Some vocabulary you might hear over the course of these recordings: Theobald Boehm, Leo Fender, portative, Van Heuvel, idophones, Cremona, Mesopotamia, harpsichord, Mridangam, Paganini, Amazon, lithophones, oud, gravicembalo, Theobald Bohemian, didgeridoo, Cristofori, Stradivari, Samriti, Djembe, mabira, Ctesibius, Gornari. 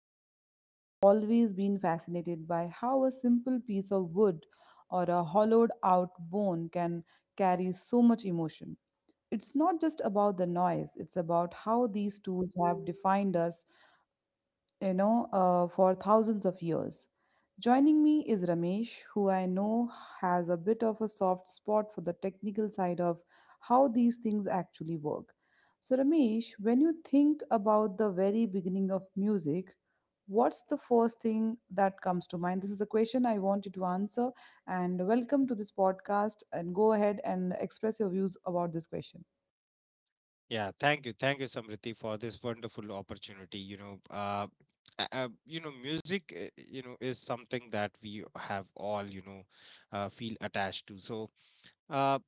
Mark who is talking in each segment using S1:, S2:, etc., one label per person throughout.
S1: Samriti, and I have always been fascinated by how a simple piece of wood or a hollowed out bone can carry so much emotion. It's not just about the noise, it's about how these tools have defined us for thousands of years. Joining me is Ramesh, who I know has a bit of a soft spot for the technical side of how these things actually work. So, Ramesh, when you think about the very beginning of music, what's the first thing that comes to mind? This is the question I want you to answer. And welcome to this podcast, and go ahead and express your views about this question.
S2: Yeah, thank you. Thank you, Samriti, for this wonderful opportunity. Music, is something that we have all, feel attached to. Uh,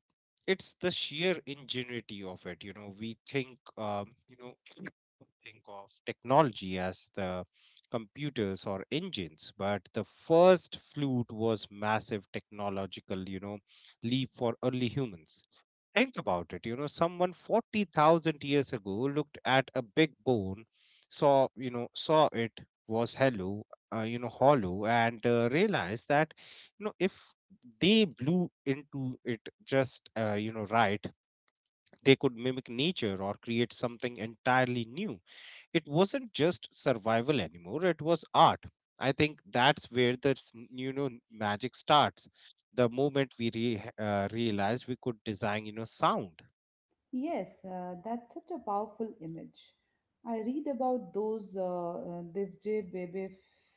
S2: it's the sheer ingenuity of it. We think you know think of technology as the computers or engines, but the first flute was massive technological, you know, leap for early humans. Think about it. Someone 40,000 years ago looked at a big bone, saw it was hello you know hollow, and realized that, you know, if they blew into it just right, they could mimic nature or create something entirely new. It wasn't just survival anymore, it was art. I think that's where the magic starts, the moment we realized we could design, you know, sound.
S1: Yes, that's such a powerful image. I read about those Divje Bebe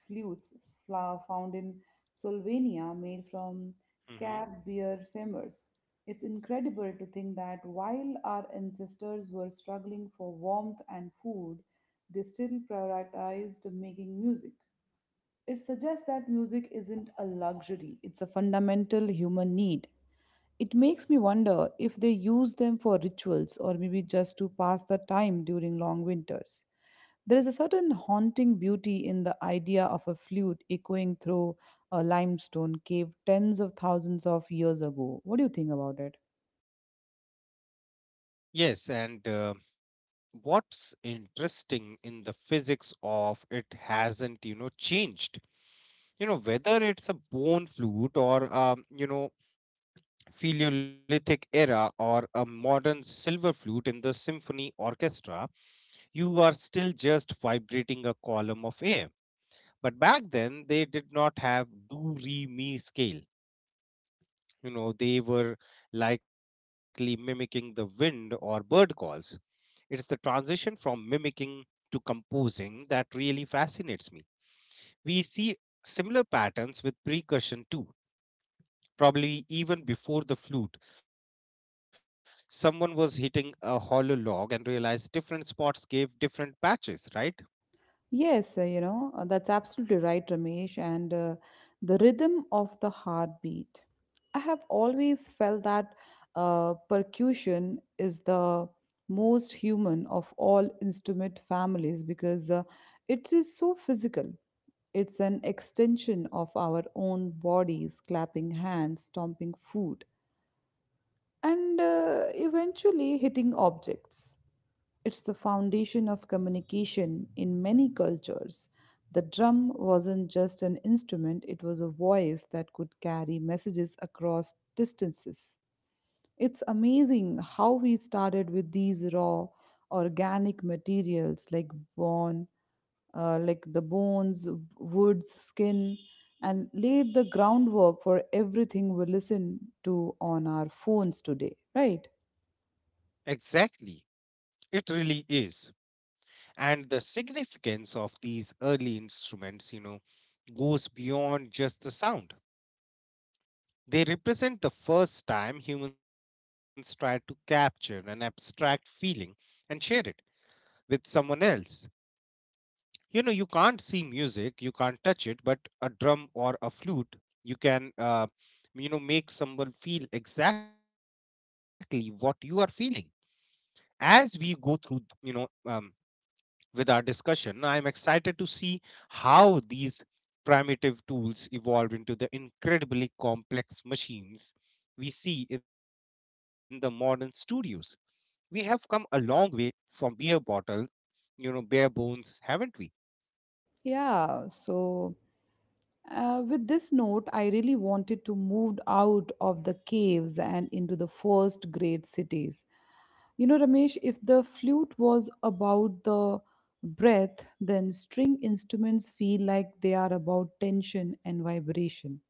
S1: flutes found in Slovenia made from
S2: Hmm.
S1: cab beer femurs. It's incredible to think that while our ancestors were struggling for warmth and food, they still prioritized making music. It suggests that music isn't a luxury, it's a fundamental human need. It makes me wonder if they use them for rituals or maybe just to pass the time during long winters. There is a certain haunting beauty in the idea of a flute echoing through a limestone cave tens of thousands of years ago. What do you think about it?
S2: yes and What's interesting in the physics of it hasn't changed, you know, whether it's a bone flute or Paleolithic era or a modern silver flute in the symphony orchestra, you are still just vibrating a column of air. But back then, they did not have do re mi scale. You know, they were likely mimicking the wind or bird calls. It's the transition from mimicking to composing that really fascinates me. We see similar patterns with percussion too, probably even before the flute. Someone was hitting a hollow log and realized different spots gave different patches, right?
S1: Yes, that's absolutely right, Ramesh. And the rhythm of the heartbeat. I have always felt that percussion is the most human of all instrument families because it is so physical. It's an extension of our own bodies, clapping hands, stomping foot, and eventually hitting objects. It's the foundation of communication in many cultures. The drum wasn't just an instrument, it was a voice that could carry messages across distances. It's amazing how we started with these raw, organic materials like bone, like the bones, woods, skin, and laid the groundwork for everything we listen to on our phones today, right?
S2: Exactly. It really is. And the significance of these early instruments, you know, goes beyond just the sound. They represent the first time humans tried to capture an abstract feeling and share it with someone else. You know, you can't see music, you can't touch it, but a drum or a flute, you can, make someone feel exactly what you are feeling. As we go through, you know, um, with our discussion, I'm excited to see how these primitive tools evolved into the incredibly complex machines we see in the modern studios. We have come a long way from beer bottle, you know, bare bones, haven't we?
S1: Yeah, so with this note, I really wanted to move out of the caves and into the first great cities. You know, Ramesh, if the flute was about the breath, then string instruments feel like they are about tension and vibration.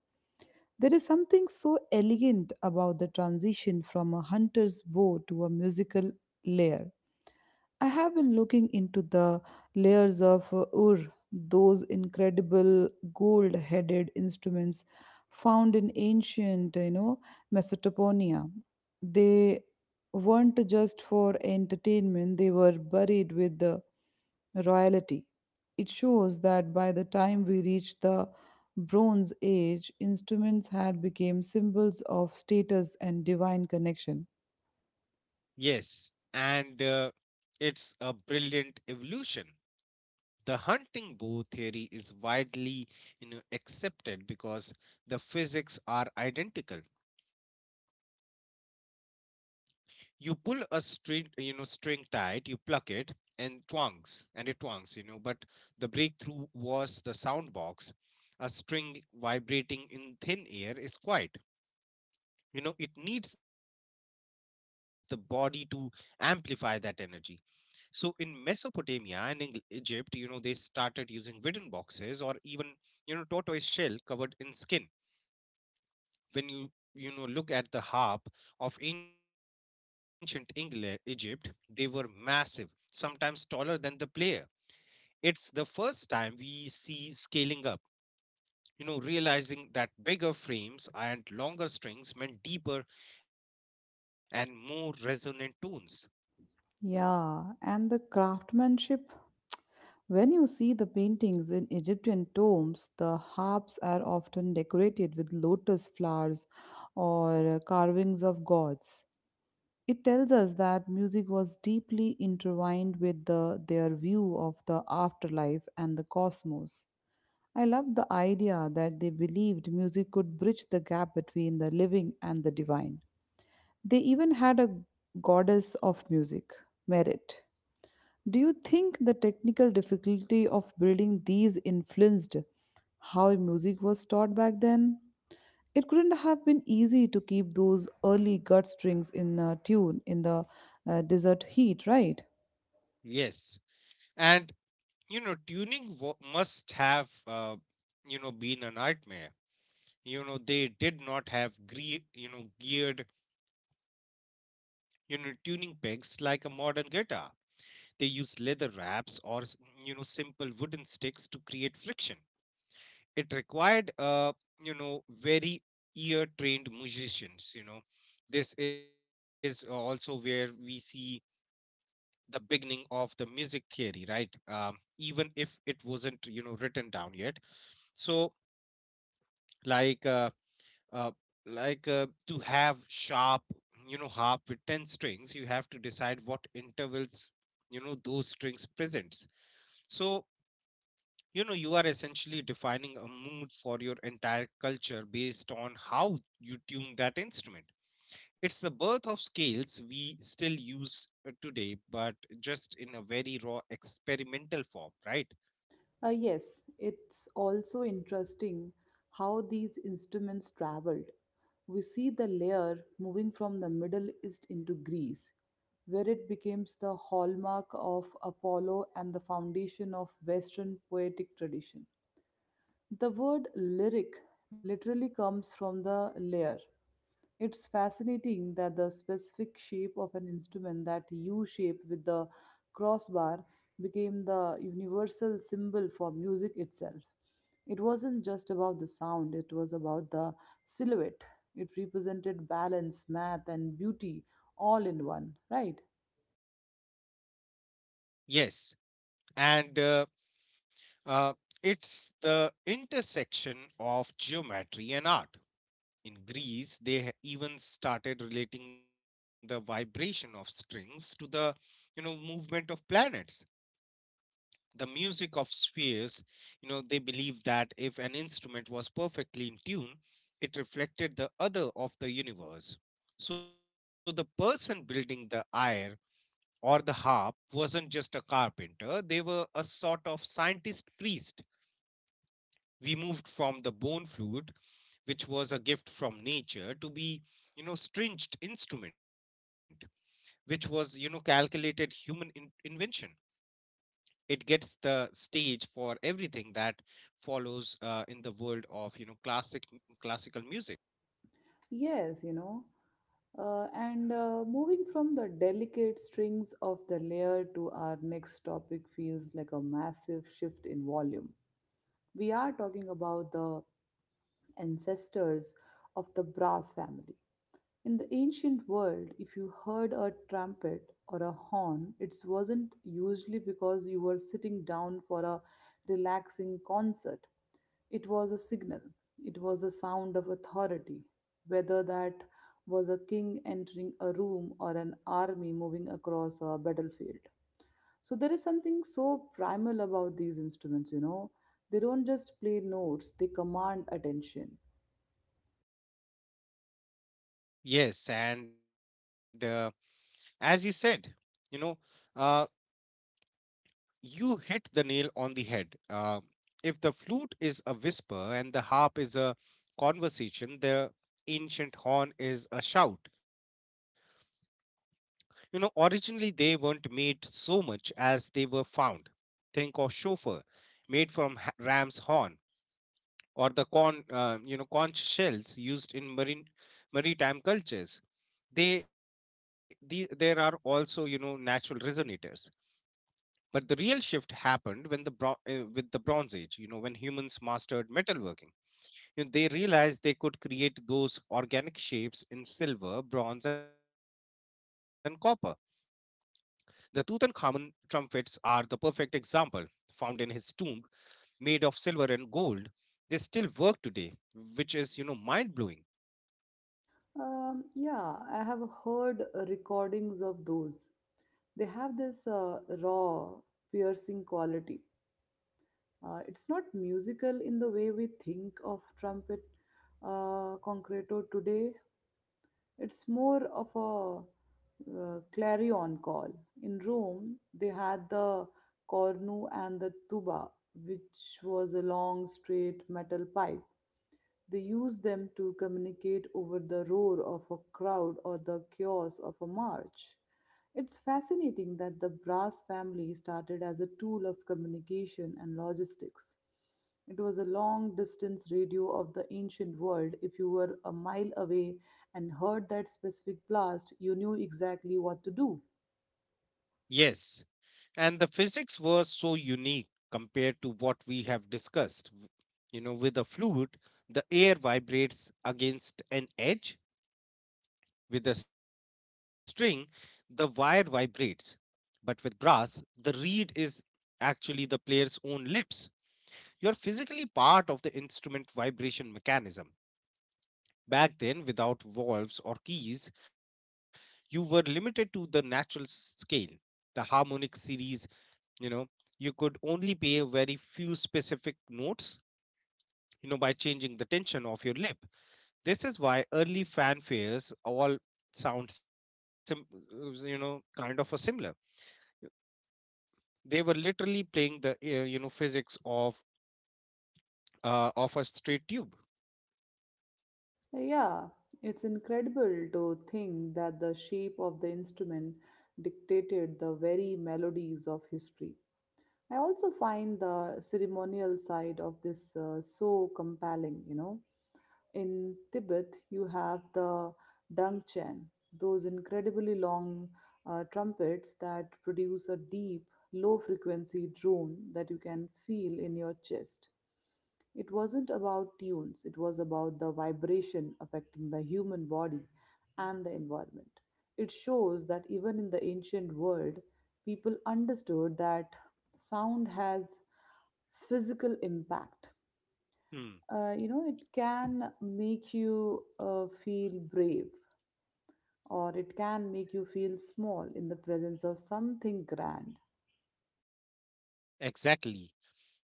S1: There is something so elegant about the transition from a hunter's bow to a musical layer. I have been looking into the layers of those incredible gold-headed instruments found in ancient, you know, Mesopotamia. They weren't just for entertainment; they were buried with the royalty. It shows that by the time we reached the Bronze Age, instruments had become symbols of status and divine connection.
S2: Yes, and It's a brilliant evolution. The hunting bow theory is widely, accepted because the physics are identical. You pull a string, you know, string tight, you pluck it, and it twangs, you know. But the breakthrough was the sound box. A string vibrating in thin air is quiet. You know, it needs the body to amplify that energy. So in Mesopotamia and in Egypt, you know, they started using wooden boxes or even, you know, tortoise shell covered in skin. When you know look at the harp of ancient England, Egypt, they were massive, sometimes taller than the player. It's the first time we see scaling up, you know, realizing that bigger frames and longer strings meant deeper and more resonant tones.
S1: Yeah, and the craftsmanship. When you see the paintings in Egyptian tombs, the harps are often decorated with lotus flowers or carvings of gods. It tells us that music was deeply intertwined with the, their view of the afterlife and the cosmos. I love the idea that they believed music could bridge the gap between the living and the divine. They even had a goddess of music, Merit. Do you think the technical difficulty of building these influenced how music was taught back then? It couldn't have been easy to keep those early gut strings in tune in the desert heat, right?
S2: Yes. And, you know, tuning must have, you know, been a nightmare. You know, they did not have geared, you know, tuning pegs like a modern guitar. They used leather wraps or simple wooden sticks to create friction. It required, you know, very ear trained musicians, you know. This is also where we see the beginning of the music theory, right? Even if it wasn't, you know, written down yet. So, like uh, uh, to have sharp, you know, harp with 10 strings, you have to decide what intervals, you know, those strings presents. So, you know, you are essentially defining a mood for your entire culture based on how you tune that instrument. It's the birth of scales we still use, today, but just in a very raw experimental form, right?
S1: Yes, it's also interesting how these instruments traveled. We see the layer moving from the Middle East into Greece, where it becomes the hallmark of Apollo and the foundation of Western poetic tradition. The word lyric literally comes from the lyre. It's fascinating that the specific shape of an instrument, that U shape with the crossbar, became the universal symbol for music itself. It wasn't just about the sound, it was about the silhouette. It represented balance, math, and beauty all in one, right?
S2: yes and Uh, it's the intersection of geometry and art. In Greece, they even started relating the vibration of strings to the, you know, movement of planets. The music of spheres, you know, they believed that if an instrument was perfectly in tune, it reflected the other of the universe. So the person building the lyre or the harp wasn't just a carpenter; they were a sort of scientist priest. We moved from the bone flute, which was a gift from nature, to, be you know, stringed instrument, which was, you know, calculated human invention. It gets the stage for everything that follows, in the world of, you know, classical music.
S1: Yes, you know. And Moving from the delicate strings of the layer to our next topic feels like a massive shift in volume. We are talking about the ancestors of the brass family. In the ancient world, if you heard a trumpet or a horn, it wasn't usually because you were sitting down for a relaxing concert. It was a signal, it was a sound of authority, whether that was a king entering a room or an army moving across a battlefield. So there is something so primal about these instruments, you know. They don't just play notes, they command attention.
S2: Yes and As you said, you know uh, you hit the nail on the head. If the flute is a whisper and the harp is a conversation, the ancient horn is a shout. You know, originally they weren't made so much as they were found. Think of shofar, made from ram's horn, or the conch shells used in marine maritime cultures. They, the, there are also, you know, natural resonators. But the real shift happened with the Bronze Age, you know, when humans mastered metalworking. You know, they realized they could create those organic shapes in silver, bronze, and copper. The Tutankhamun trumpets are the perfect example. Found in his tomb, made of silver and gold, they still work today, which is, you know, mind blowing.
S1: Yeah, I have heard recordings of those. They have this raw, piercing quality. It's not musical in the way we think of trumpet concreto today. It's more of a clarion call. In Rome, they had the cornu and the tuba, which was a long, straight metal pipe they use them to communicate over the roar of a crowd or the chaos of a march. It's fascinating that the brass family started as a tool of communication and logistics. It was a long distance radio of the ancient world. If you were a mile away and heard that specific blast, you knew exactly what to do.
S2: Yes, and the physics was so unique compared to what we have discussed. W- you know with a flute, the air vibrates against an edge. With a string, the wire vibrates. But with brass, the reed is actually the player's own lips. You are physically part of the instrument vibration mechanism. Back then, without valves or keys, you were limited to the natural scale, the harmonic series, you know. You could only play very few specific notes, you know, by changing the tension of your lip. This is why early fanfares all sound kind of a similar. They were literally playing the, you know, physics of, of a straight tube.
S1: Yeah, it's incredible to think that the shape of the instrument dictated the very melodies of history. I also find the ceremonial side of this so compelling, you know. In Tibet, you have the dungchen, those incredibly long trumpets that produce a deep, low frequency drone that you can feel in your chest. It wasn't about tunes, it was about the vibration affecting the human body and the environment. It shows that even in the ancient world, people understood that sound has physical impact.
S2: hmm.
S1: You know, it can make you feel brave or it can make you feel small in the presence of something grand.
S2: Exactly.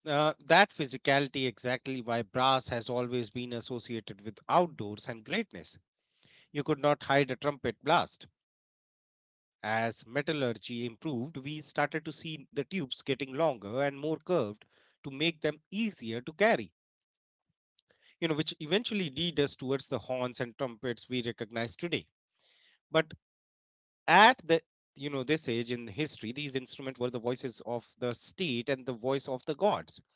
S2: That physicality exactly why brass has always been associated with outdoors and greatness. You could not hide a trumpet blast. As metallurgy improved, we started to see the tubes getting longer and more curved to make them easier to carry, you know, which eventually lead us towards the horns and trumpets we recognize today. But at the, you know, this age in history, these instruments were the voices of the state and the voice of the gods.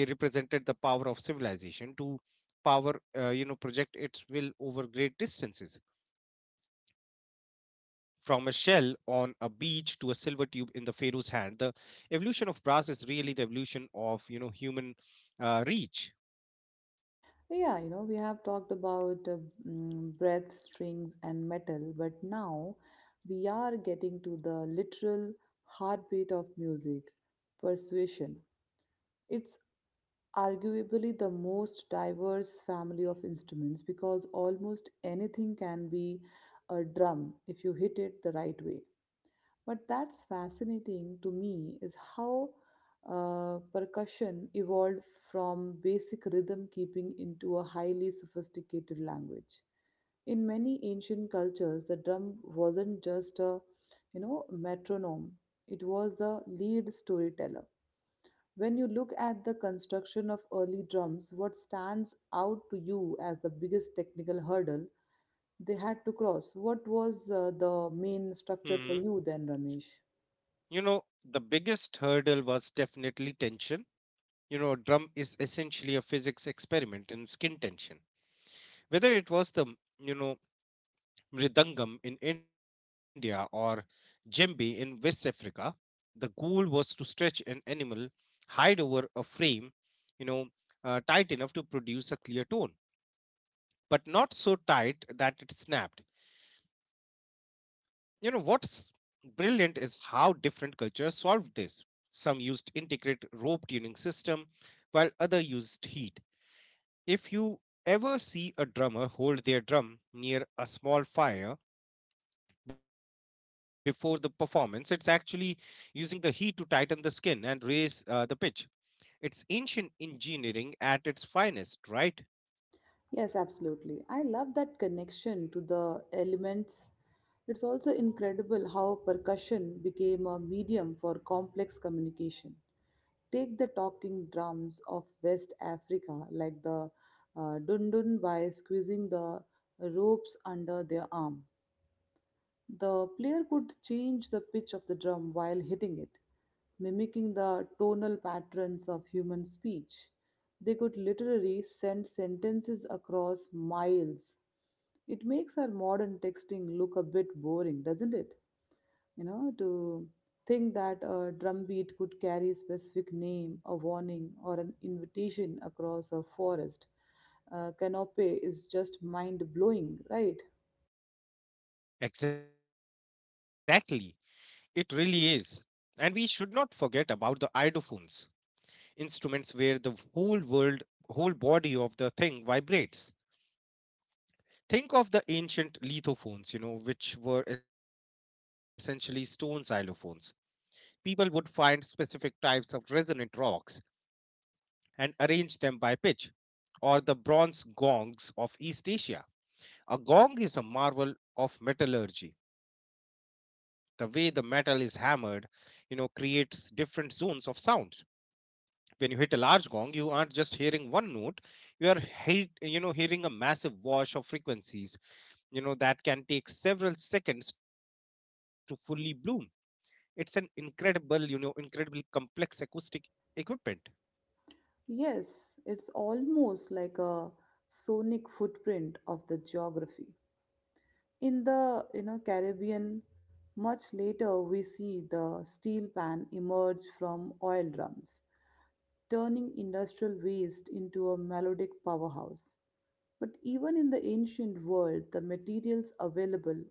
S2: They represented the power of civilization to power you know, project its will over great distances. From a shell on a beach to a silver tube in the pharaoh's hand, the evolution of brass is really the evolution of, you know, human, reach.
S1: Yeah, you know, we have talked about breath, strings, and metal, but now we are getting to the literal heartbeat of music persuasion. It's arguably the most diverse family of instruments because almost anything can be a drum if you hit it the right way. But that's fascinating to me is how percussion evolved from basic rhythm keeping into a highly sophisticated language. In many ancient cultures, the drum wasn't just a you know metronome; it was the lead storyteller. When you look at the construction of early drums, what stands out to you as the biggest technical hurdle they had to cross? What was the main structure for
S2: Mhm.
S1: you then, Ramesh?
S2: You know, the biggest hurdle was definitely tension. You know, a drum is essentially a physics experiment in skin tension. Whether it was the, you know, Mridangam in India or Djembe in West Africa. The goal was to stretch an animal, hide over a frame, you know, tight enough to produce a clear tone, but not so tight that it snapped. You know, what's brilliant is how different cultures solved this. Some used integrated rope tuning system, while other used heat. If you ever see a drummer hold their drum near a small fire, before the performance. It's actually using the heat to tighten the skin and raise, the pitch. It's ancient engineering at its finest, right?
S1: Yes, absolutely. I love that connection to the elements. It's also incredible how percussion became a medium for complex communication. Take the talking drums of West Africa, like the dundun, by squeezing the ropes under their arm. The player could change the pitch of the drum while hitting it, mimicking the tonal patterns of human speech. They could literally send sentences across miles. It makes our modern texting look a bit boring, doesn't it? You know, to think that a drum beat could carry a specific name, a warning or an invitation across a forest canopy is just mind blowing, right?
S2: Exactly. It really is. And we should not forget about the idophones, instruments where the whole body of the thing vibrates. Think of the ancient lithophones, you know, which were essentially stone xylophones. People would find specific types of resonant rocks and arrange them by pitch, or the bronze gongs of East Asia. A gong is a marvel of metallurgy. The way the metal is hammered, you know, creates different zones of sounds. When you hit a large gong, you aren't just hearing one note, you are hearing a massive wash of frequencies, you know, that can take several seconds to fully bloom. It's an incredible, incredibly complex acoustic equipment.
S1: Yes, it's almost like a sonic footprint of the geography. In the you know Caribbean, much later we see the steel pan emerge from oil drums, turning industrial waste into a melodic powerhouse. But even in the ancient world, the materials available,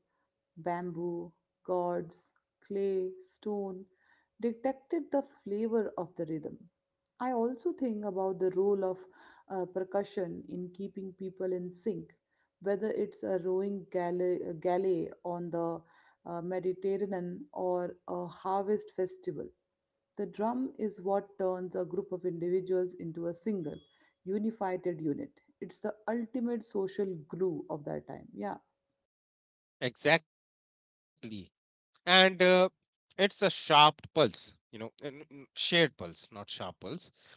S1: bamboo, gourds, clay, stone, detected the flavor of the rhythm. I also think about the role of percussion in keeping people in sync, whether it's a rowing galley on the Mediterranean or a harvest festival. The drum is what turns a group of individuals into a single, unified unit. It's the ultimate social glue of that time. Yeah.
S2: Exactly. and It's a sharp pulse you know eh, n- n- n- shared pulse, not sharp pulse.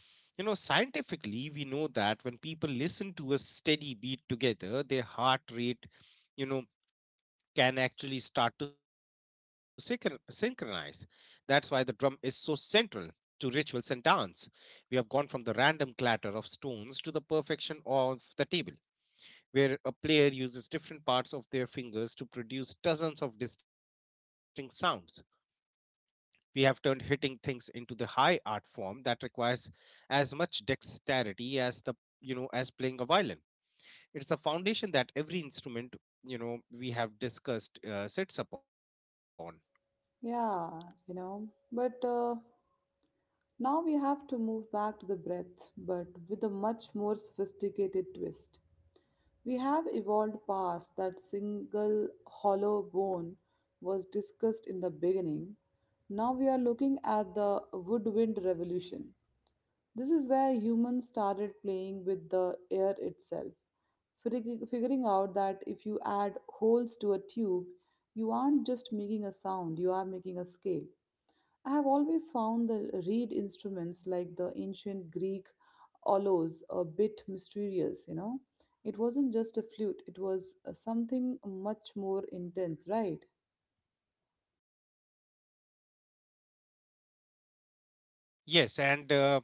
S2: You know, scientifically we know that when people listen to a steady beat together, their heart rate, you know, can actually start to synchronize. That's why the drum is so central to rituals and dance. We have gone from the random clatter of stones to the perfection of the table, where a player uses different parts of their fingers to produce dozens of distinct sounds. We have turned hitting things into the high art form that requires as much dexterity as the, you know, as playing a violin. It's the foundation that every instrument, you know, we have discussed, sits upon.
S1: Yeah, you know, but Now we have to move back to the breath, but with a much more sophisticated twist. We have evolved past that single hollow bone was discussed in the beginning. Now we are looking at the woodwind revolution. This is where humans started playing with the air itself, figuring out that if you add holes to a tube, you aren't just making a sound, you are making a scale. I have always found the reed instruments like the ancient Greek olos a bit mysterious, you know. It wasn't just a flute, it was something much more intense, right?
S2: Yes, and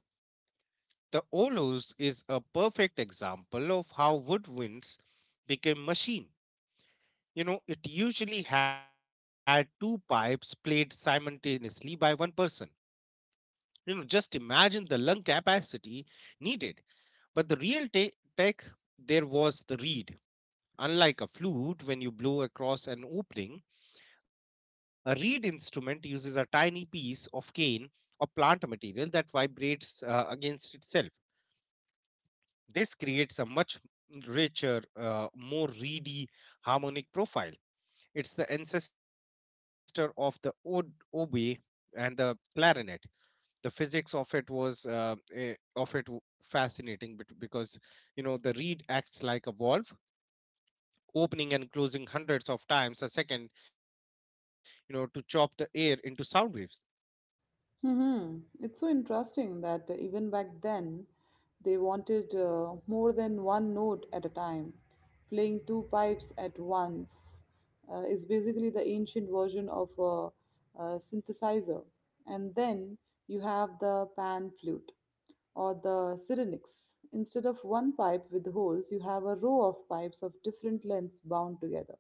S2: the olos is a perfect example of how woodwinds became machine. You know, it usually had two pipes played simultaneously by one person. You know, just imagine the lung capacity needed. But the real tech there was the reed. Unlike a flute, when you blow across an opening, a reed instrument uses a tiny piece of cane or plant material that vibrates against itself. This creates a much richer, more reedy harmonic profile. It's the ancestor of the oboe and the clarinet. The physics of it was fascinating because you know the reed acts like a valve, opening and closing hundreds of times a second, you know, to chop the air into sound waves.
S1: Hmm. It's so interesting that even back then, they wanted more than one note at a time. Playing two pipes at once is basically the ancient version of a synthesizer. And then you have the pan flute or the syrinx. Instead of one pipe with holes, you have a row of pipes of different lengths bound together.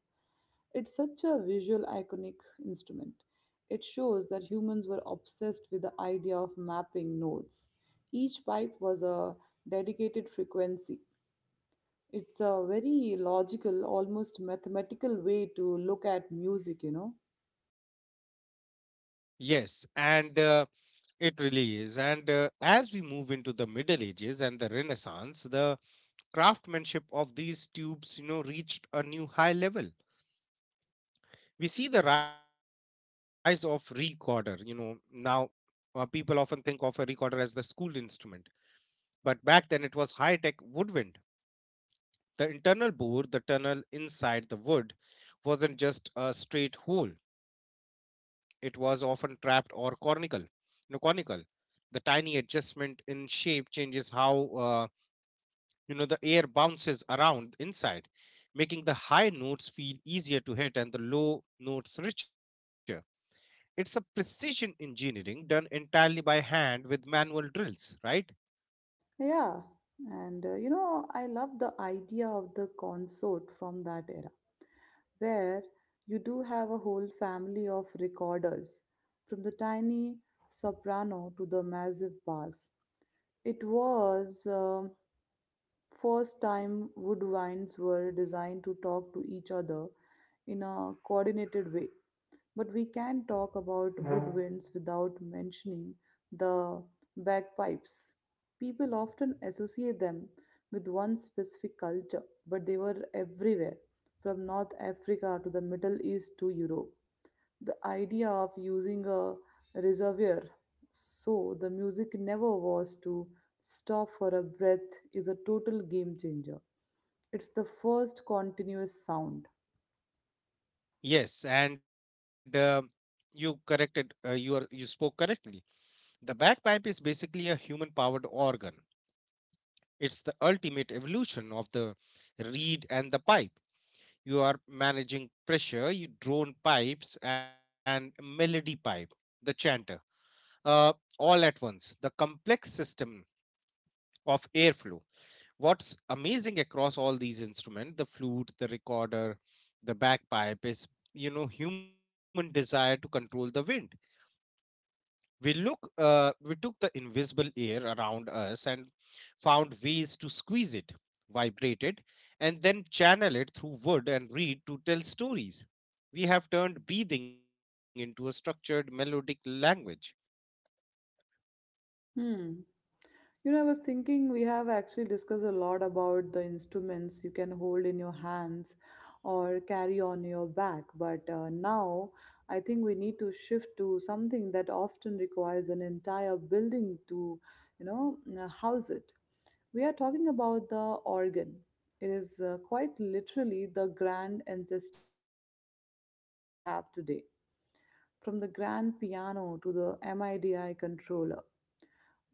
S1: It's such a visual iconic instrument. It shows that humans were obsessed with the idea of mapping notes. Each pipe was a dedicated frequency. It's a very logical, almost mathematical way to look at music, you know.
S2: Yes, and it really is. And as we move into the middle ages and the renaissance, the craftsmanship of these tubes, you know, reached a new high level. We see the rise of recorder, you know. Now people often think of a recorder as the school instrument, but back then it was high tech woodwind. The internal bore, the tunnel inside the wood, wasn't just a straight hole. It was often trapped or conical. You know, conical. The tiny adjustment in shape changes how, you know, the air bounces around inside, making the high notes feel easier to hit and the low notes richer. It's a precision engineering done entirely by hand with manual drills, right?
S1: Yeah, I love the idea of the consort from that era, where you do have a whole family of recorders, from the tiny soprano to the massive bass. It was first time woodwinds were designed to talk to each other in a coordinated way. But we can talk about woodwinds without mentioning the bagpipes. People often associate them with one specific culture, but they were everywhere, from North Africa to the Middle East to Europe. The idea of using a reservoir so the music never was to stop for a breath is a total game changer. It's the first continuous sound.
S2: Yes, and you corrected. You are you spoke correctly. The bagpipe is basically a human-powered organ. It's the ultimate evolution of the reed and the pipe. You are managing pressure, you drone pipes, and melody pipe, the chanter, uh, all at once. The complex system of airflow. What's amazing across all these instruments, the flute, the recorder, the bagpipe, is, you know, human desire to control the wind. We look, we took the invisible air around us and found ways to squeeze it, vibrate it, and then channel it through wood and reed to tell stories. We have turned breathing into a structured melodic language.
S1: Hmm. You know, I was thinking we have actually discussed a lot about the instruments you can hold in your hands or carry on your back, but now I think we need to shift to something that often requires an entire building to, house it. We are talking about the organ. It is quite literally the grand ancestor of every keyboard we have today, from the grand piano to the MIDI controller.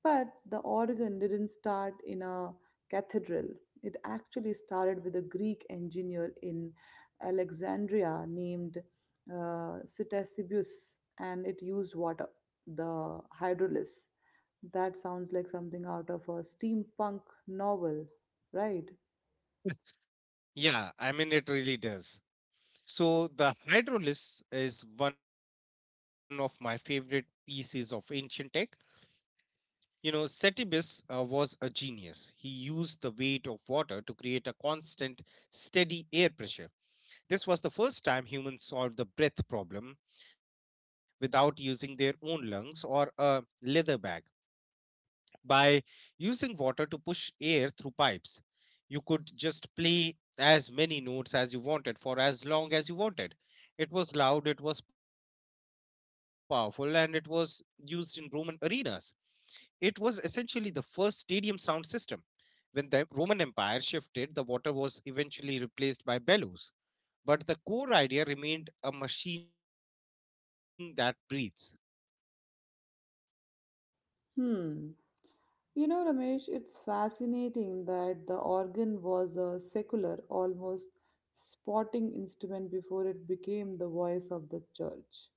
S1: But the organ didn't start in a cathedral. It actually started with a Greek engineer in Alexandria named Ctesibius, and it used water, the hydrolys. That sounds like something out of a steampunk novel, right?
S2: Yeah, I mean, it really does. So, the hydrolis is one of my favorite pieces of ancient tech. You know, Cetibus was a genius. He used the weight of water to create a constant, steady air pressure. This was the first time humans solved the breath problem without using their own lungs or a leather bag. By using water to push air through pipes, you could just play as many notes as you wanted for as long as you wanted. It was loud, it was powerful, and it was used in Roman arenas. It was essentially the first stadium sound system. When the Roman Empire shifted, the water was eventually replaced by bellows, but the core idea remained a machine that breathes.
S1: Hmm. You know, Ramesh, it's fascinating that the organ was a secular, almost sporting instrument before it became the voice of the church.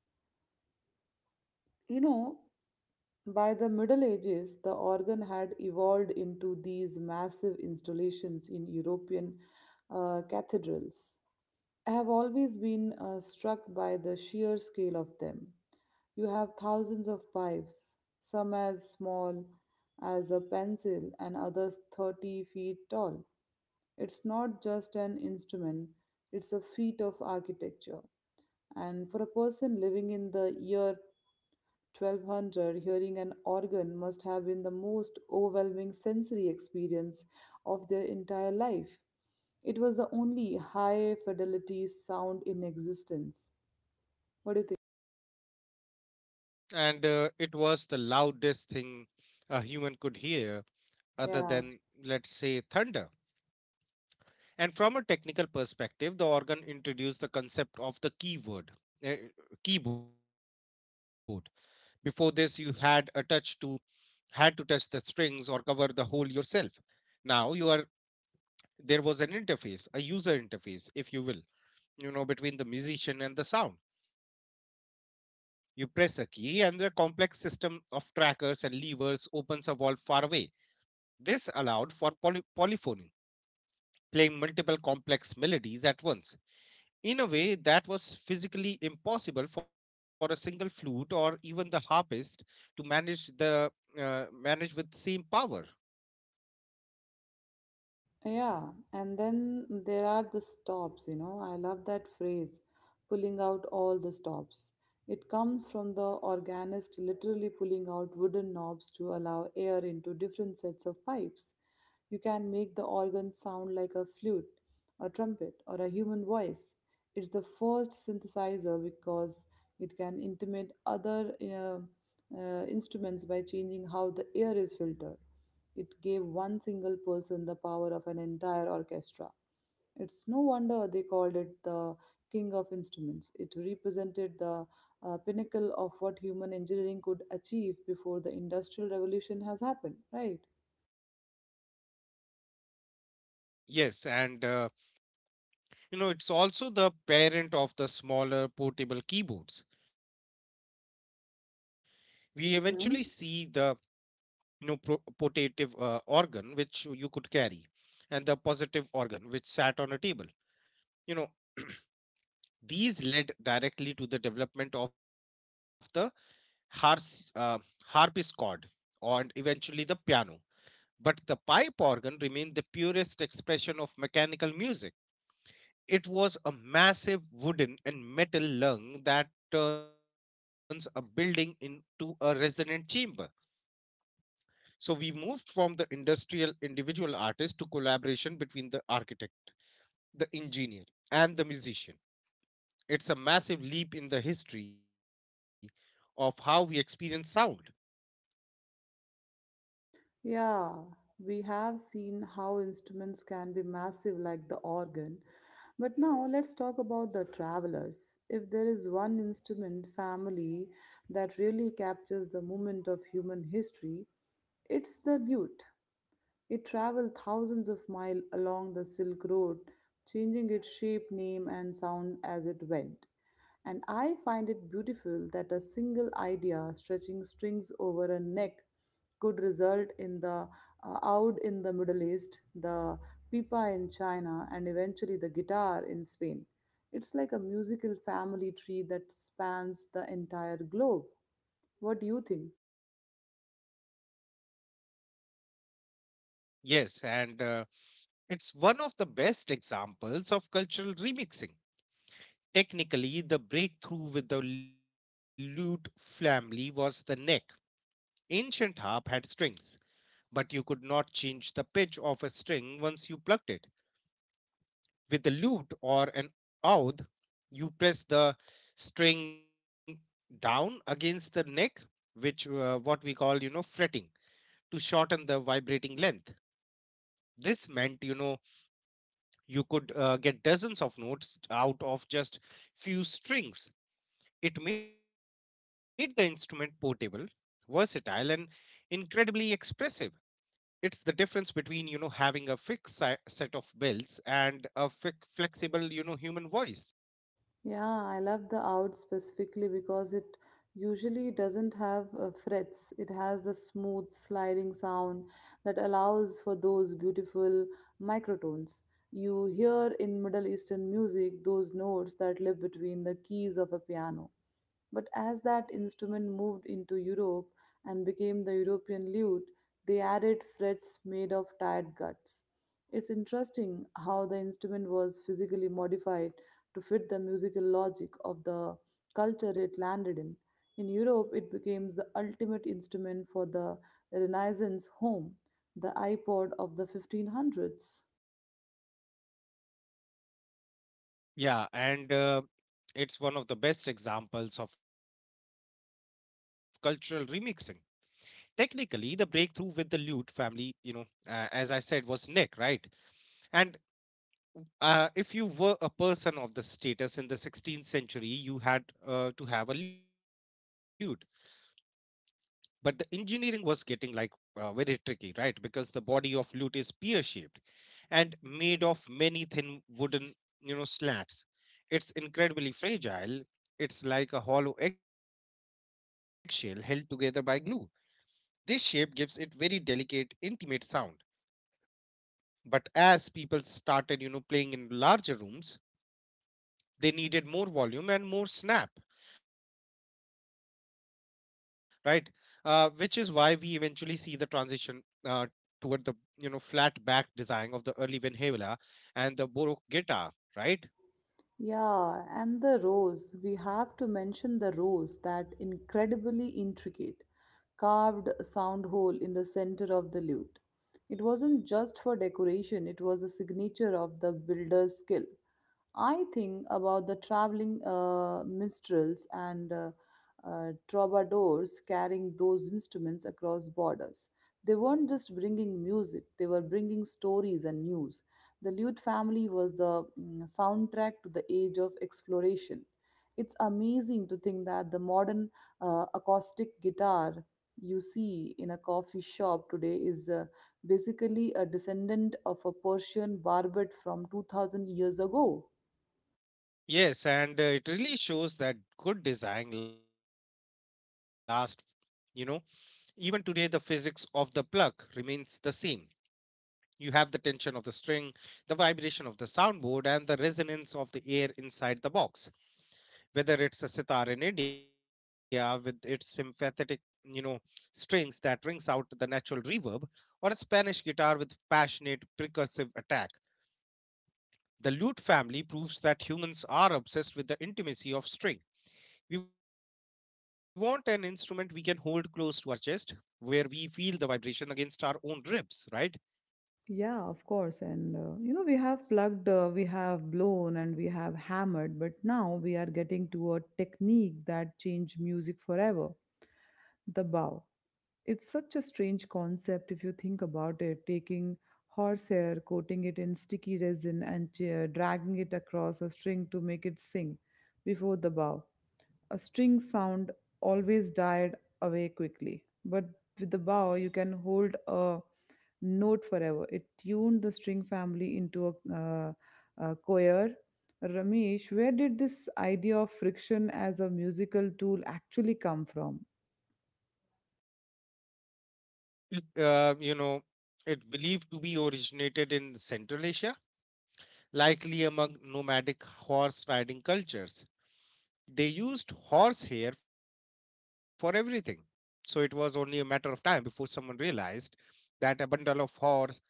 S1: You know, by the Middle Ages, the organ had evolved into these massive installations in European cathedrals. I have always been struck by the sheer scale of them. You have thousands of pipes, some as small as a pencil and others 30 feet tall. It's not just an instrument, it's a feat of architecture. And for a person living in the year 1200, hearing an organ must have been the most overwhelming sensory experience of their entire life. It was the only high fidelity sound in existence. What do you think?
S2: Yeah, and it was the loudest thing a human could hear, other
S1: Yeah.
S2: than, let's say, thunder. And from a technical perspective, the organ introduced the concept of the keyword, uh, keyboard. Before this, you had a touch to had to touch the strings or cover the hole yourself. Now you are There was an interface, a user interface, if you will, you know, between the musician and the sound. You press a key, and the complex system of trackers and levers opens a valve far away. This allowed for polyphony, playing multiple complex melodies at once, in a way that was physically impossible for a single flute or even the harpist to manage with same power.
S1: Yeah, and then there are the stops, you know. I love that phrase, pulling out all the stops. It comes from the organist literally pulling out wooden knobs to allow air into different sets of pipes. You can make the organ sound like a flute, a trumpet, or a human voice. It's the first synthesizer because it can intimate other instruments by changing how the air is filtered. It gave one single person the power of an entire orchestra. It's no wonder they called it the king of instruments. It represented the pinnacle of what human engineering could achieve before the industrial revolution has happened, right?
S2: Yes, and you know, it's also the parent of the smaller portable keyboards. We eventually see the
S1: Mhm.
S2: no pro- portative organ, which you could carry, and the positive organ, which sat on a table, you know. These led directly to the development of the hars- uh, harpsichord and eventually the piano, but the pipe organ remained the purest expression of mechanical music. It was a massive wooden and metal lung that turns a building into a resonant chamber. So we moved from the industrial individual artist to collaboration between the architect, the engineer, and the musician. It's a massive leap in the history of how we experience sound.
S1: Yeah, we have seen how instruments can be massive like the organ. But now let's talk about the travelers. If there is one instrument family that really captures the moment of human history, it's the lute. It traveled thousands of miles along the Silk Road, changing its shape, name, and sound as it went. And I find it beautiful that a single idea stretching strings over a neck could result in the oud in the Middle East, the pipa in China, and eventually the guitar in Spain. It's like a musical family tree that spans the entire globe. What do you think?
S2: Yes, and it's one of the best examples of cultural remixing. Technically, the breakthrough with the lute family was the neck. Ancient harp had strings, but you could not change the pitch of a string once you plucked it. With the lute or an oud, you press the string down against the neck, which, what we call, you know, fretting, to shorten the vibrating length. This meant, you know, you could get dozens of notes out of just few strings. It made the instrument portable, versatile, and incredibly expressive. It's the difference between, you know, having a fixed set of bells and a flexible, you know, human voice.
S1: Yeah, I love the out specifically because it usually doesn't have frets. It has the smooth sliding sound that allows for those beautiful microtones. You hear in Middle Eastern music those notes that live between the keys of a piano. But as that instrument moved into Europe and became the European lute, they added frets made of tired guts. It's interesting how the instrument was physically modified to fit the musical logic of the culture it landed in. In Europe, it became the ultimate instrument for the Renaissance home, the iPod of the 1500s.
S2: Yeah, and it's one of the best examples of cultural remixing. Technically, the breakthrough with the lute family, you know, as I said, was Nick, right? And if you were a person of the status in the 16th century, you had, to have a lute. But the engineering was getting like very tricky, right? Because the body of lute is pear shaped and made of many thin wooden, you know, slats. It's incredibly fragile. It's like a hollow eggshell held together by glue. This shape gives it very delicate, intimate sound. But as people started, you know, playing in larger rooms, they needed more volume and more snap, right? Which is why we eventually see the transition uh, toward the, you know, flat back design of the early Van Heuvel and the Baroque guitar, right?
S1: Yeah, and the rose. We have to mention the rose, that incredibly intricate, carved sound hole in the center of the lute. It wasn't just for decoration, it was a signature of the builder's skill. I think about the traveling minstrels and troubadours carrying those instruments across borders. They weren't just bringing music, they were bringing stories and news. The Lute family was the soundtrack to the age of exploration. It's amazing to think that the modern acoustic guitar you see in a coffee shop today is basically a descendant of a Persian barbet from 2000 years ago.
S2: Yes, and it really shows that good design lasts. You know, even today, the physics of the plug remains the same. You have the tension of the string, the vibration of the soundboard, and the resonance of the air inside the box. Whether it's a sitar in India with its sympathetic, you know, strings that rings out the natural reverb, or a Spanish guitar with passionate percussive attack, the lute family proves that humans are obsessed with the intimacy of string. We want an instrument we can hold close to our chest, where we feel the vibration against our own ribs, right?
S1: Yeah, of course. And you know, we have plugged, we have blown, and we have hammered, but now we are getting to a technique that changed music forever, the bow. It's such a strange concept if you think about it, taking horsehair, coating it in sticky resin, and dragging it across a string to make it sing. Before the bow, a string sound always died away quickly, but with the bow, you can hold a note forever. It tuned the string family into a choir. Ramesh, where did this idea of friction as a musical tool actually come from?
S2: It, you know, it believed to be originated in Central Asia, likely among nomadic horse riding cultures. They used horse hair for everything, so it was only a matter of time before someone realized that a bundle of you know,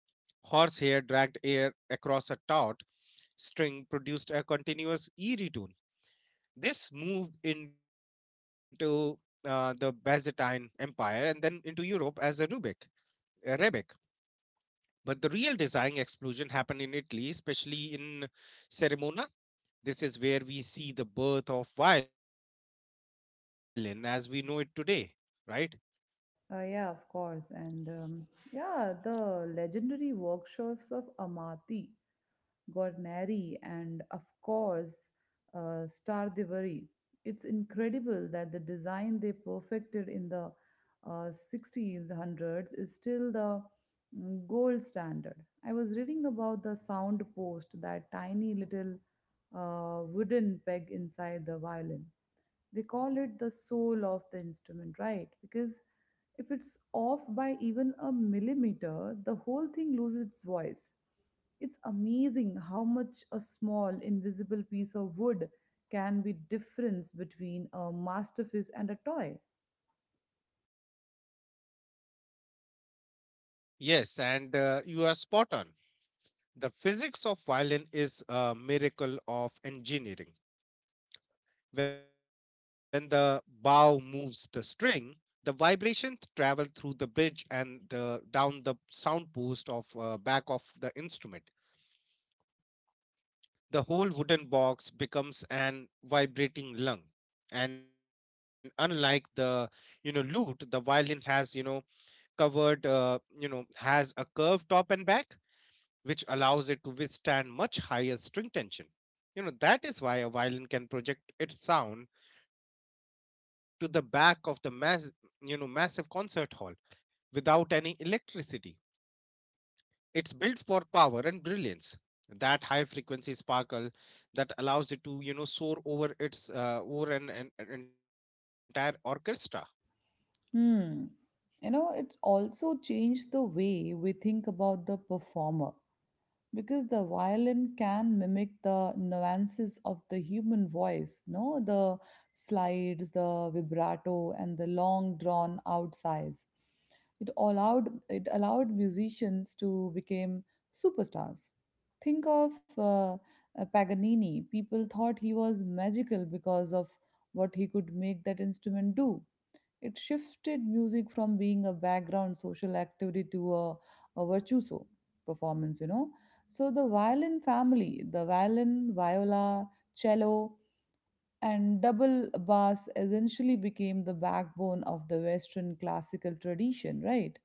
S2: horse hair dragged air across a taut string produced a continuous eerie tone. This moved into the Byzantine Empire and then into Europe as a Rebek. But the real design explosion happened in Italy, especially in Cremona. This is where we see the birth of violin as we know it today, right?
S1: Yeah, of course. And yeah, the legendary workshops of Amati, Gornari, and of course, Star Divari. It's incredible that the design they perfected in the 60s, is still the gold standard. I was reading about the sound post, that tiny little wooden peg inside the violin. They call it the soul of the instrument, right? Because if it's off by even a millimeter, the whole thing loses its voice. It's amazing how much a small, invisible piece of wood can be difference between a masterpiece and a toy.
S2: Yes, and you are spot on. The physics of violin is a miracle of engineering. When the bow moves the string, the vibration travel through the bridge and, down the sound post of, back of the instrument. The whole wooden box becomes an vibrating lung. And unlike the, you know, lute, the violin has, you know, has a curved top and back, which allows it to withstand much higher string tension. You know, that is why a violin can project its sound to the back of the massive concert hall without any electricity. It's built for power and brilliance. That high frequency sparkle that allows it to, you know, soar over its, over an, an entire orchestra.
S1: Hmm. You know, it's also changed the way we think about the performer, because the violin can mimic the nuances of the human voice, no, the slides, the vibrato, and the long drawn out sighs. It allowed musicians to become superstars. Think of paganini. People thought he was magical because of what he could make that instrument do. It shifted music from being a background social activity to a virtuoso performance, you know. So the violin family, the violin, viola, cello, and double bass essentially became the backbone of the Western classical tradition, right?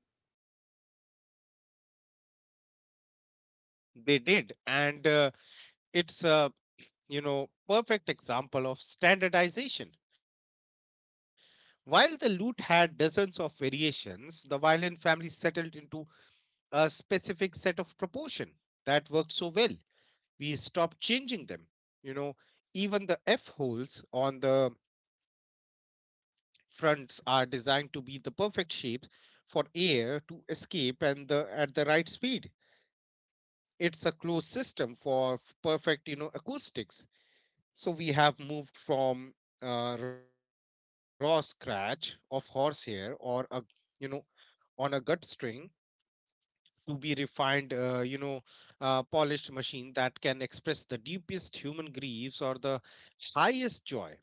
S2: They did, and it's, you know, perfect example of standardization. While the lute had dozens of variations, the violin family settled into a specific set of proportion that worked so well. We stopped changing them. You know, even the F holes on the fronts are designed to be the perfect shape for air to escape and the at the right speed. It's a closed system for perfect, you know, acoustics. So we have moved from, raw scratch of horsehair or a, you know, on a gut string to be refined, polished machine that can express the deepest human griefs or the highest joy.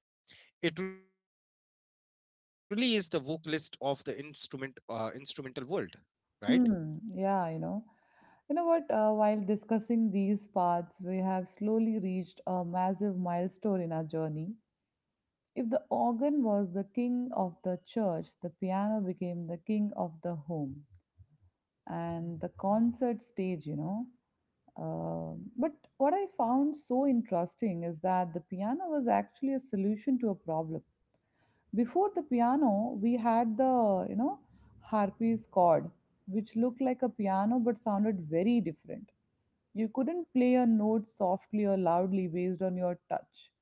S2: It really is the vocalist of the instrumental world, right?
S1: Hmm, yeah, you know. You know what? While discussing these paths, we have slowly reached a massive milestone in our journey. If the organ was the king of the church, the piano became the king of the home and the concert stage, you know. But what I found so interesting is that the piano was actually a solution to a problem. Before the piano, we had the, harpy's chord, which looked like a piano but sounded very different. You couldn't play a note softly or loudly based on your touch.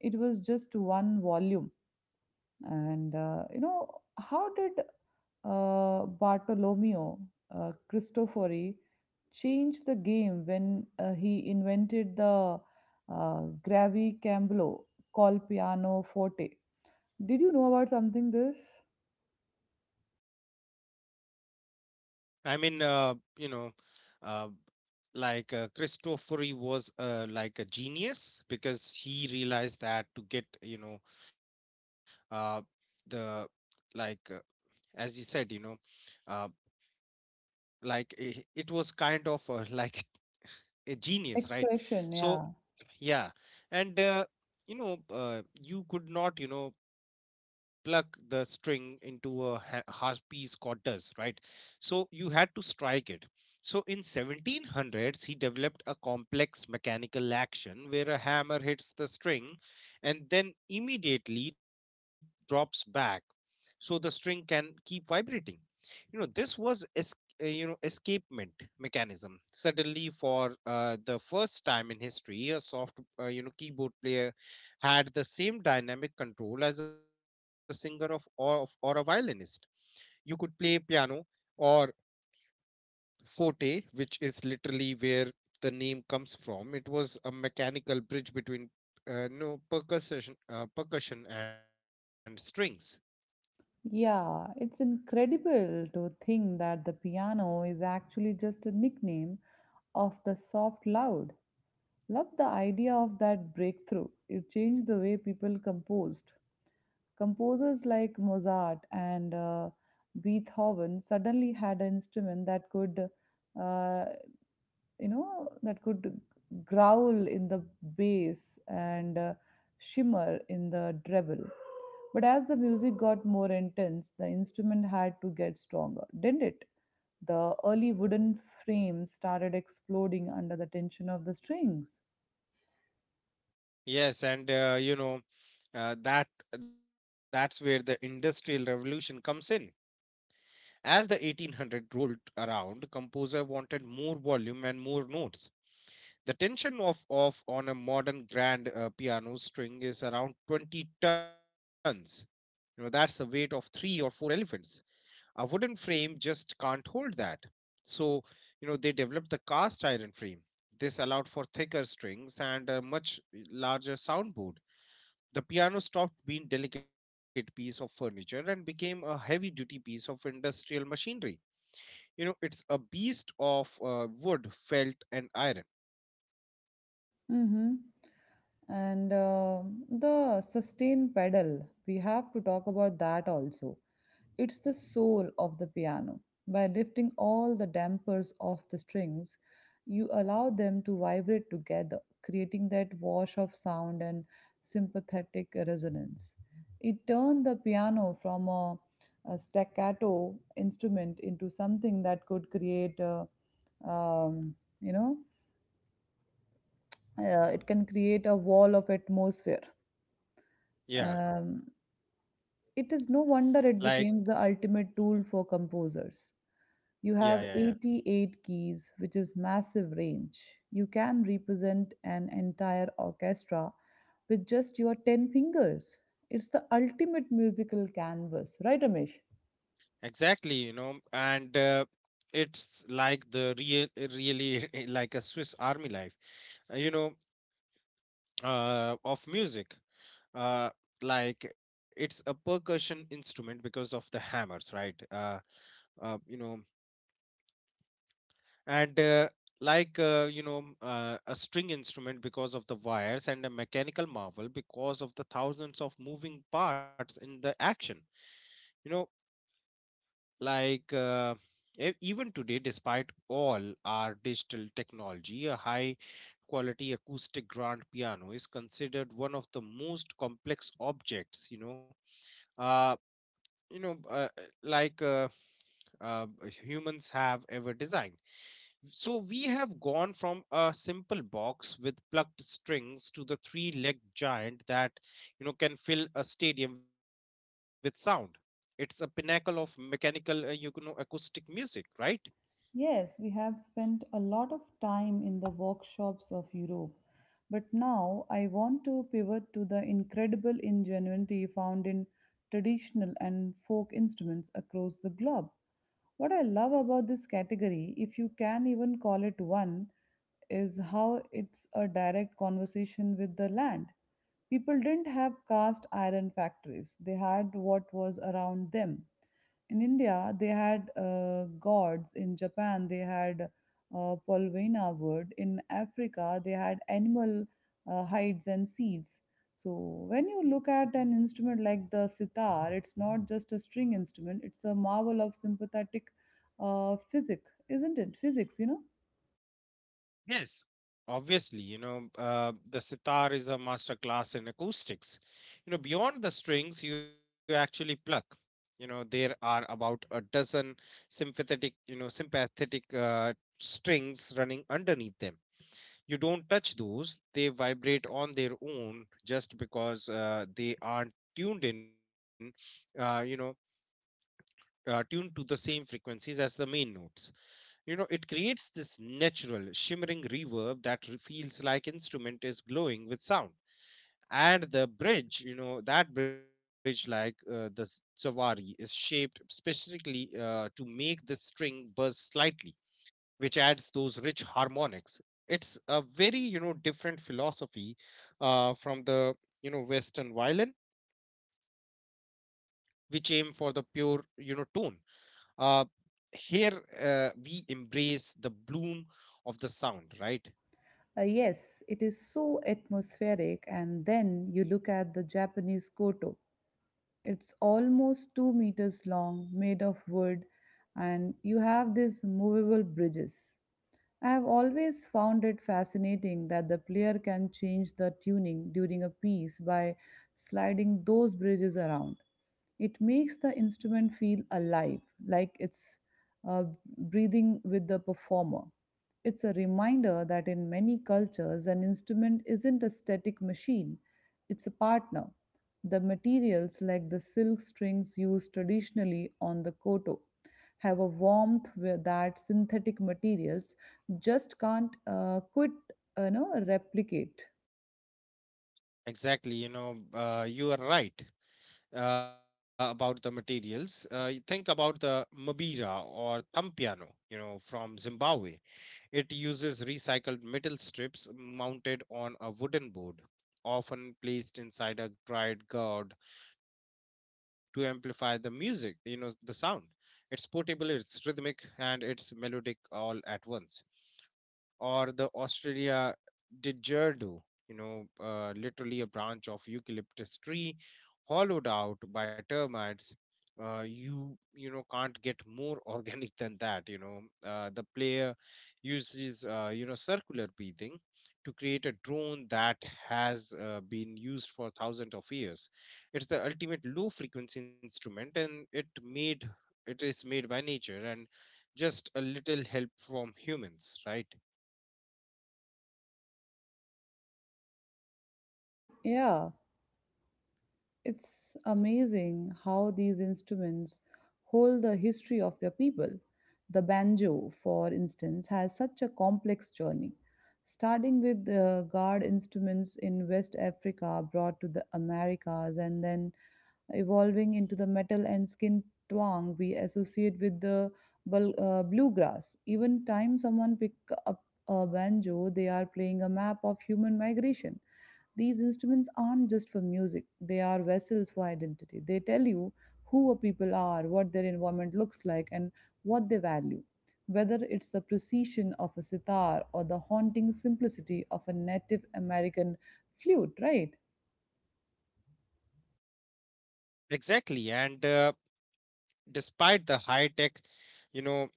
S1: It was just one volume, and uh, you know, how did Bartolomeo Cristofori changed the game when he invented the uh, gravicambolo called piano forte. Did you know about something this
S2: I mean, uh, like Cristofori was like a genius because he realized that to get uh, the like as you said uh, like it was kind of like a genius, right?
S1: expression?
S2: So
S1: Yeah.
S2: yeah, and you could not pluck the string into a half piece chord does, right? So you had to strike it. So in 1700s he developed a complex mechanical action where a hammer hits the string and then immediately drops back, so the string can keep vibrating. This was escapement mechanism. Suddenly, for the first time in history, a soft keyboard player had the same dynamic control as a singer or a violinist. You could play piano or forte, which is literally where the name comes from. It was a mechanical bridge between no percussion, percussion and strings.
S1: Yeah, it's incredible to think that the piano is actually just a nickname of the soft loud. Love the idea of that breakthrough. It changed the way people composed. Composers like Mozart and Beethoven suddenly had an instrument that uh, could growl in the bass and shimmer in the treble. But as the music got more intense, the instrument had to get stronger, didn't it? The early wooden frame started exploding under the tension of the strings.
S2: Yes, and uh, that that's where the industrial revolution comes in. As the 1800s rolled around, composer wanted more volume and more notes. The tension of on a modern grand piano string is around 20 tons. That's the weight of three or four elephants. A wooden frame just can't hold that. So, they developed the cast iron frame. This allowed for thicker strings and a much larger soundboard. The piano stopped being delicate piece of furniture and became a heavy-duty piece of industrial machinery. It's a beast of wood, felt, and iron.
S1: Mm-hmm. And the sustain pedal, we have to talk about that also. It's the soul of the piano. By lifting all the dampers off the strings, you allow them to vibrate together, creating that wash of sound and sympathetic resonance. It turned the piano from a staccato instrument into something that could create, a, um, you know, it can create a wall of atmosphere.
S2: Yeah,
S1: Um, it is no
S2: like,
S1: wonder it became the ultimate tool for composers.
S2: yeah,
S1: You
S2: yeah,
S1: have
S2: yeah.
S1: 88 keys, which is massive range. You can represent an entire orchestra with just your 10 fingers. It's the ultimate musical canvas, right, Ramesh?
S2: Exactly. And it's like the really like a Swiss Army knife uh, You know, of music. Uh, like it's a percussion instrument because of the hammers, right? Uh, you know, and like a string instrument because of the wires, and a mechanical marvel because of the thousands of moving parts in the action. you know like, even today, despite all our digital technology, a high quality acoustic grand piano is considered one of the most complex objects uh, you know uh, uh, like uh, humans have ever designed. So we have gone from a simple box with plugged strings to the three-legged giant that can fill a stadium with sound. It's a pinnacle of mechanical, acoustic music, right?
S1: Yes, we have spent a lot of time in the workshops of Europe, but now I want to pivot to the incredible ingenuity found in traditional and folk instruments across the globe. What I love about this category, if you can even call it one, is how it's a direct conversation with the land. People didn't have cast iron factories, they had what was around them. In India, they had gods. In Japan, they had polvena wood. In Africa, they had animal hides and seeds. So when you look at an instrument like the sitar, it's not just a string instrument. It's a marvel of sympathetic physics, isn't it? Physics, you know.
S2: Yes, obviously, the sitar is a master class in acoustics. Beyond the strings you actually pluck. There are about a dozen sympathetic strings running underneath them. You don't touch those; they vibrate on their own just because they aren't tuned Uh, you know, to the same frequencies as the main notes. It creates this natural, shimmering reverb that feels like instrument is glowing with sound. And the bridge, that bridge, like, the savari, is shaped specifically to make the string buzz slightly, which adds those rich harmonics. It's a very, different philosophy from the, Western violin, which aim for the pure, tone. Uh, Here, we embrace the bloom of the sound, right?
S1: Yes, it is so atmospheric, and then you look at the Japanese koto. It's almost 2 meters long, made of wood, and you have these movable bridges. I have always found it fascinating that the player can change the tuning during a piece by sliding those bridges around. It makes the instrument feel alive, like it's uh, breathing with the performer. It's a reminder that in many cultures, an instrument isn't a static machine, it's a partner. The materials, like the silk strings used traditionally on the koto, have a warmth where that synthetic materials just can't replicate.
S2: Exactly. You are right about the materials. You think about the mabira, or thumb piano, from Zimbabwe. It uses recycled metal strips mounted on a wooden board, often placed inside a dried gourd to amplify the music, the sound. It's portable, it's rhythmic, and it's melodic all at once. Or the Australia didgeridoo, literally a branch of eucalyptus tree hollowed out by termites. Can't get more organic than that. The player uses circular breathing to create a drone that has been used for thousands of years. It's the ultimate low frequency instrument, and it is made by nature and just a little help from humans, right?
S1: Yeah, it's amazing how these instruments hold the history of their people. The banjo, for instance, has such a complex journey, starting with the guard instruments in West Africa brought to the Americas and then evolving into the metal and skin twang we associate with the bluegrass. Even time someone pick up a banjo, they are playing a map of human migration. These instruments aren't just for music; they are vessels for identity. They tell you who a people are, what their environment looks like, and what they value. Whether it's the precision of a sitar or the haunting simplicity of a Native American flute, right?
S2: Exactly. And despite the high tech, you know,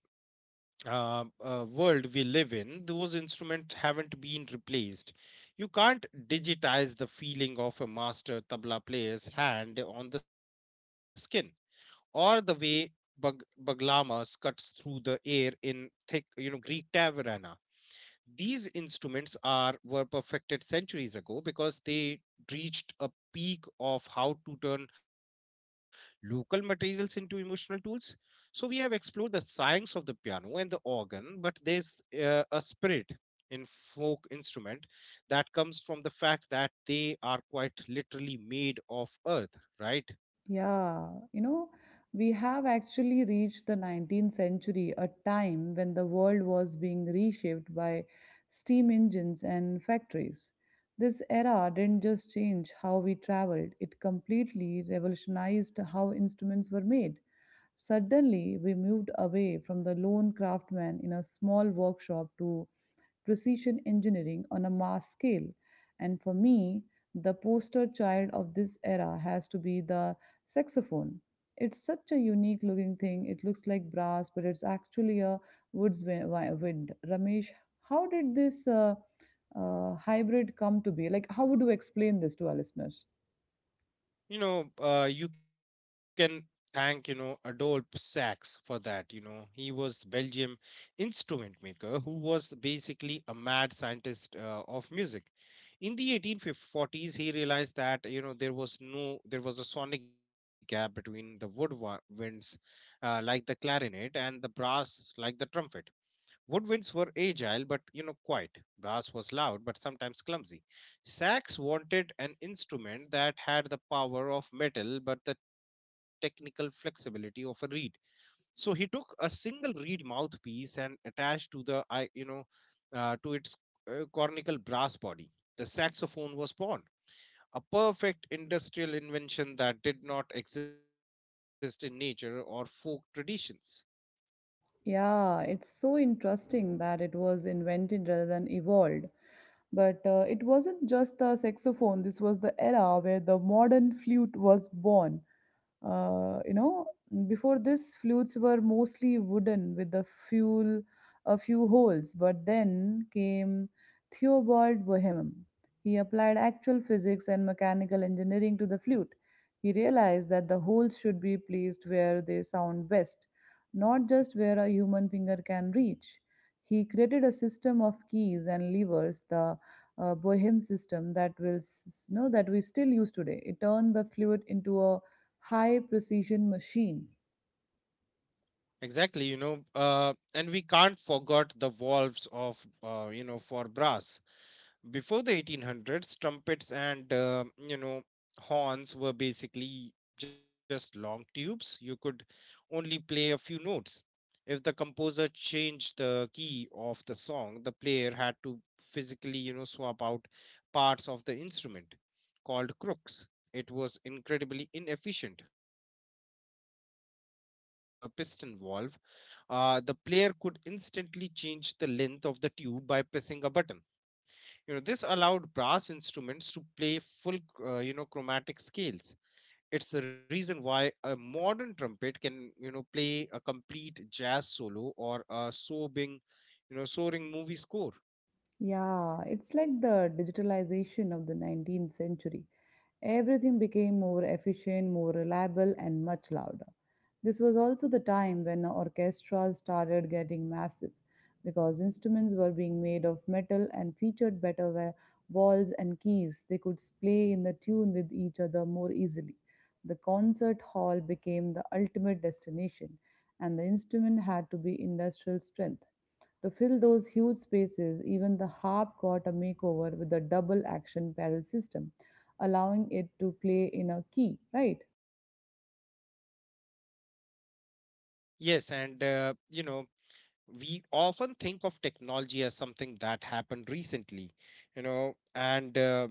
S2: world we live in, those instruments haven't been replaced. You can't digitize the feeling of a master tabla player's hand on the skin, or the way baglamas cuts through the air in thick, Greek taverna. These instruments are were perfected centuries ago because they reached a peak of how to turn local materials into emotional tools. So we have explored the science of the piano and the organ, but there's a spirit in folk instrument that comes from the fact that they are quite literally made of earth, right?
S1: Yeah, you know, we have actually reached the 19th century, a time when the world was being reshaped by steam engines and factories. This era didn't just change how we traveled, it completely revolutionized how instruments were made. Suddenly, we moved away from the lone craftsman in a small workshop to precision engineering on a mass scale. And for me, the poster child of this era has to be the saxophone. It's such a unique looking thing. It looks like brass, but it's actually a wind. Ramesh, how did this hybrid come to be? Like, how would you explain this to our listeners?
S2: You can thank Adolphe Sax for that. He was Belgium instrument maker who was basically a mad scientist of music. In the 1840s he realized that there was no, there was a sonic gap between the woodwinds, like the clarinet, and the brass like the trumpet. Woodwinds were agile but quiet. Brass was loud but sometimes clumsy. Sax wanted an instrument that had the power of metal but the technical flexibility of a reed. So he took a single reed mouthpiece and attached to the I you know to its cornical brass body. The saxophone was born, a perfect industrial invention that did not exist in nature or folk traditions.
S1: Yeah, it's so interesting that it was invented rather than evolved. But it wasn't just the saxophone, this was the era where the modern flute was born. Uh, you know, Before this, flutes were mostly wooden with a few holes. But then came Theobald Bohemen. He applied actual physics and mechanical engineering to the flute. He realized that the holes should be placed where they sound best, not just where a human finger can reach. He created a system of keys and levers, the Bohem system that will s- know that we still use today. It turned the fluid into a high precision machine.
S2: Exactly, and we can't forget the valves for brass. Before the 1800s, trumpets and horns were basically just long tubes. You could only play a few notes. If the composer changed the key of the song, the player had to physically swap out parts of the instrument called crooks. It was incredibly inefficient, but with the invention of the piston valve, the player could instantly change the length of the tube by pressing a button. This allowed brass instruments to play full, chromatic scales. It's the reason why a modern trumpet can, play a complete jazz solo, or a sobbing, soaring movie score.
S1: Yeah, it's like the digitalization of the 19th century. Everything became more efficient, more reliable, and much louder. This was also the time when orchestras started getting massive because instruments were being made of metal and featured better walls and keys. They could play in the tune with each other more easily. The concert hall became the ultimate destination, and the instrument had to be industrial strength. To fill those huge spaces, even the harp got a makeover with a double action pedal system, allowing it to play in a key, right?
S2: Yes, and we often think of technology as something that happened recently, and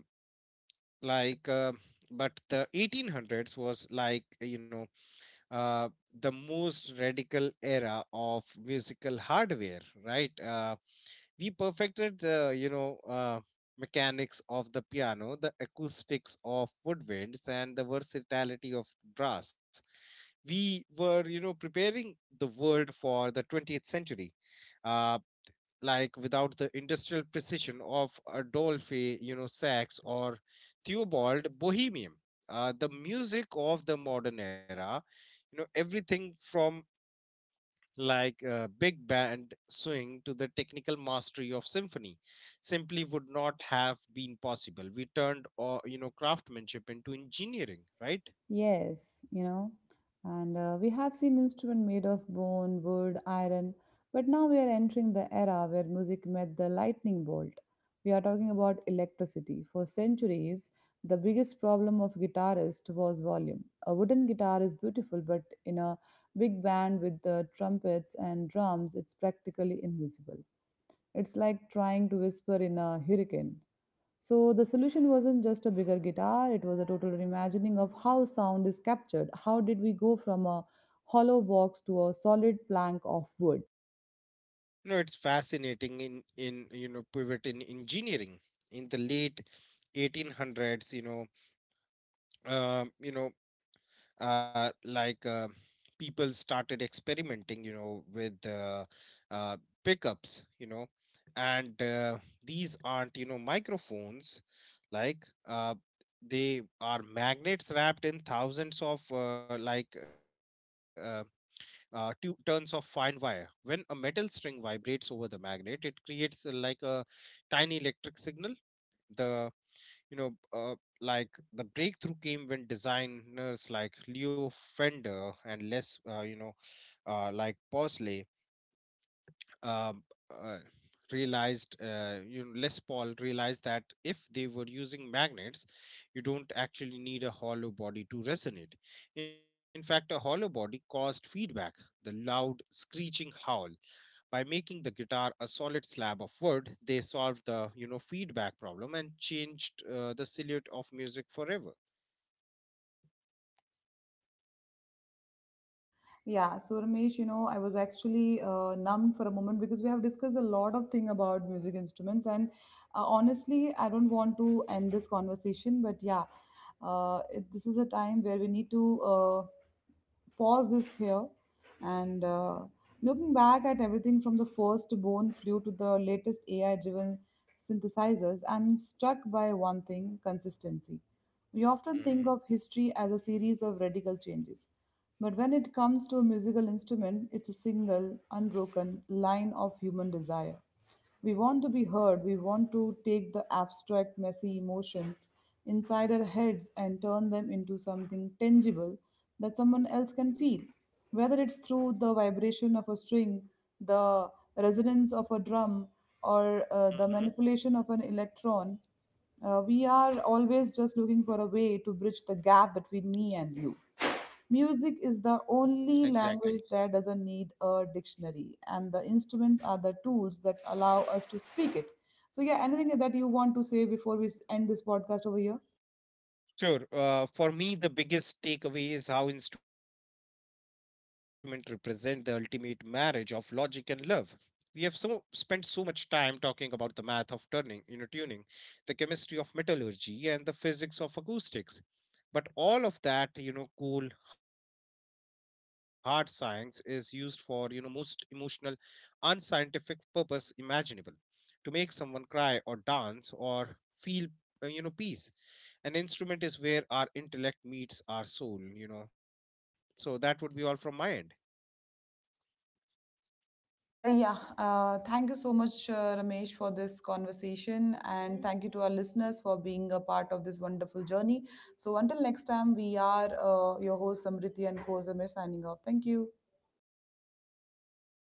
S2: like, but the 1800s was like, uh, the most radical era of musical hardware, right? We perfected the mechanics of the piano, the acoustics of woodwinds, and the versatility of brass. We were preparing the world for the 20th century. uh, like, without the industrial precision of Adolphe, Sax, or Theobald Bohemian. The music of the modern era, everything from like, big band swing to the technical mastery of symphony, simply would not have been possible. We turned craftsmanship into engineering, right?
S1: Yes, you know, and we have seen instruments made of bone, wood, iron, but now we are entering the era where music met the lightning bolt. We are talking about electricity. For centuries, the biggest problem of guitarist was volume. A wooden guitar is beautiful, but in a big band with the trumpets and drums, it's practically invisible. It's like trying to whisper in a hurricane. So the solution wasn't just a bigger guitar, it was a total reimagining of how sound is captured. How did we go from a hollow box to a solid plank of wood?
S2: It's fascinating in pivot in engineering in the late 1800s. Um, you know like, people started experimenting with uh, pickups. And these aren't microphones. Like, they are magnets wrapped in thousands of like, two turns of fine wire. When a metal string vibrates over the magnet, it creates like a tiny electric signal. the like, the breakthrough came when designers like Leo Fender and Les, you know, like Bosley, um, uh, Les Paul realized that if they were using magnets, you don't actually need a hollow body to resonate. In fact, a hollow body caused feedback, the loud screeching howl. By making the guitar a solid slab of wood, they solved the feedback problem and changed the silhouette of music forever.
S1: Yeah, so Ramesh, you know, I was actually numb for a moment because we have discussed a lot of thing about music instruments, and honestly, I don't want to end this conversation. But yeah, this is a time where we need to pause this here and looking back at everything from the first bone flute to the latest AI-driven synthesizers, I'm struck by one thing consistency. We often think of
S2: Mm-hmm.
S1: history as a series of radical changes. But when it comes to a musical instrument, it's a single, unbroken line of human desire. We want to be heard, we want to take the abstract, messy emotions inside our heads and turn them into something tangible that someone else can feel, whether it's through the vibration of a string, the resonance of a drum, or the
S2: Mm-hmm.
S1: manipulation of an electron, we are always just looking for a way to bridge the gap between me and you. Music is the
S2: Exactly.
S1: only language that doesn't need a dictionary, and the instruments are the tools that allow us to speak it. So, yeah, anything that you want to say before we end this podcast over here?
S2: Sure. For me, the biggest takeaway is how instruments represent the ultimate marriage of logic and love. We have spent so much time talking about the math of tuning, the chemistry of metallurgy, and the physics of acoustics. But all of that, cool hard science is used for most emotional, unscientific purpose imaginable. To make someone cry or dance or feel peace. An instrument is where our intellect meets our soul. So that would be all from my end.
S1: Yeah, thank you so much, Ramesh, for this conversation. And thank you to our listeners for being a part of this wonderful journey. So, until next time, we are your host, Samriti, and co host Ramesh signing off. Thank you.
S2: Thank you.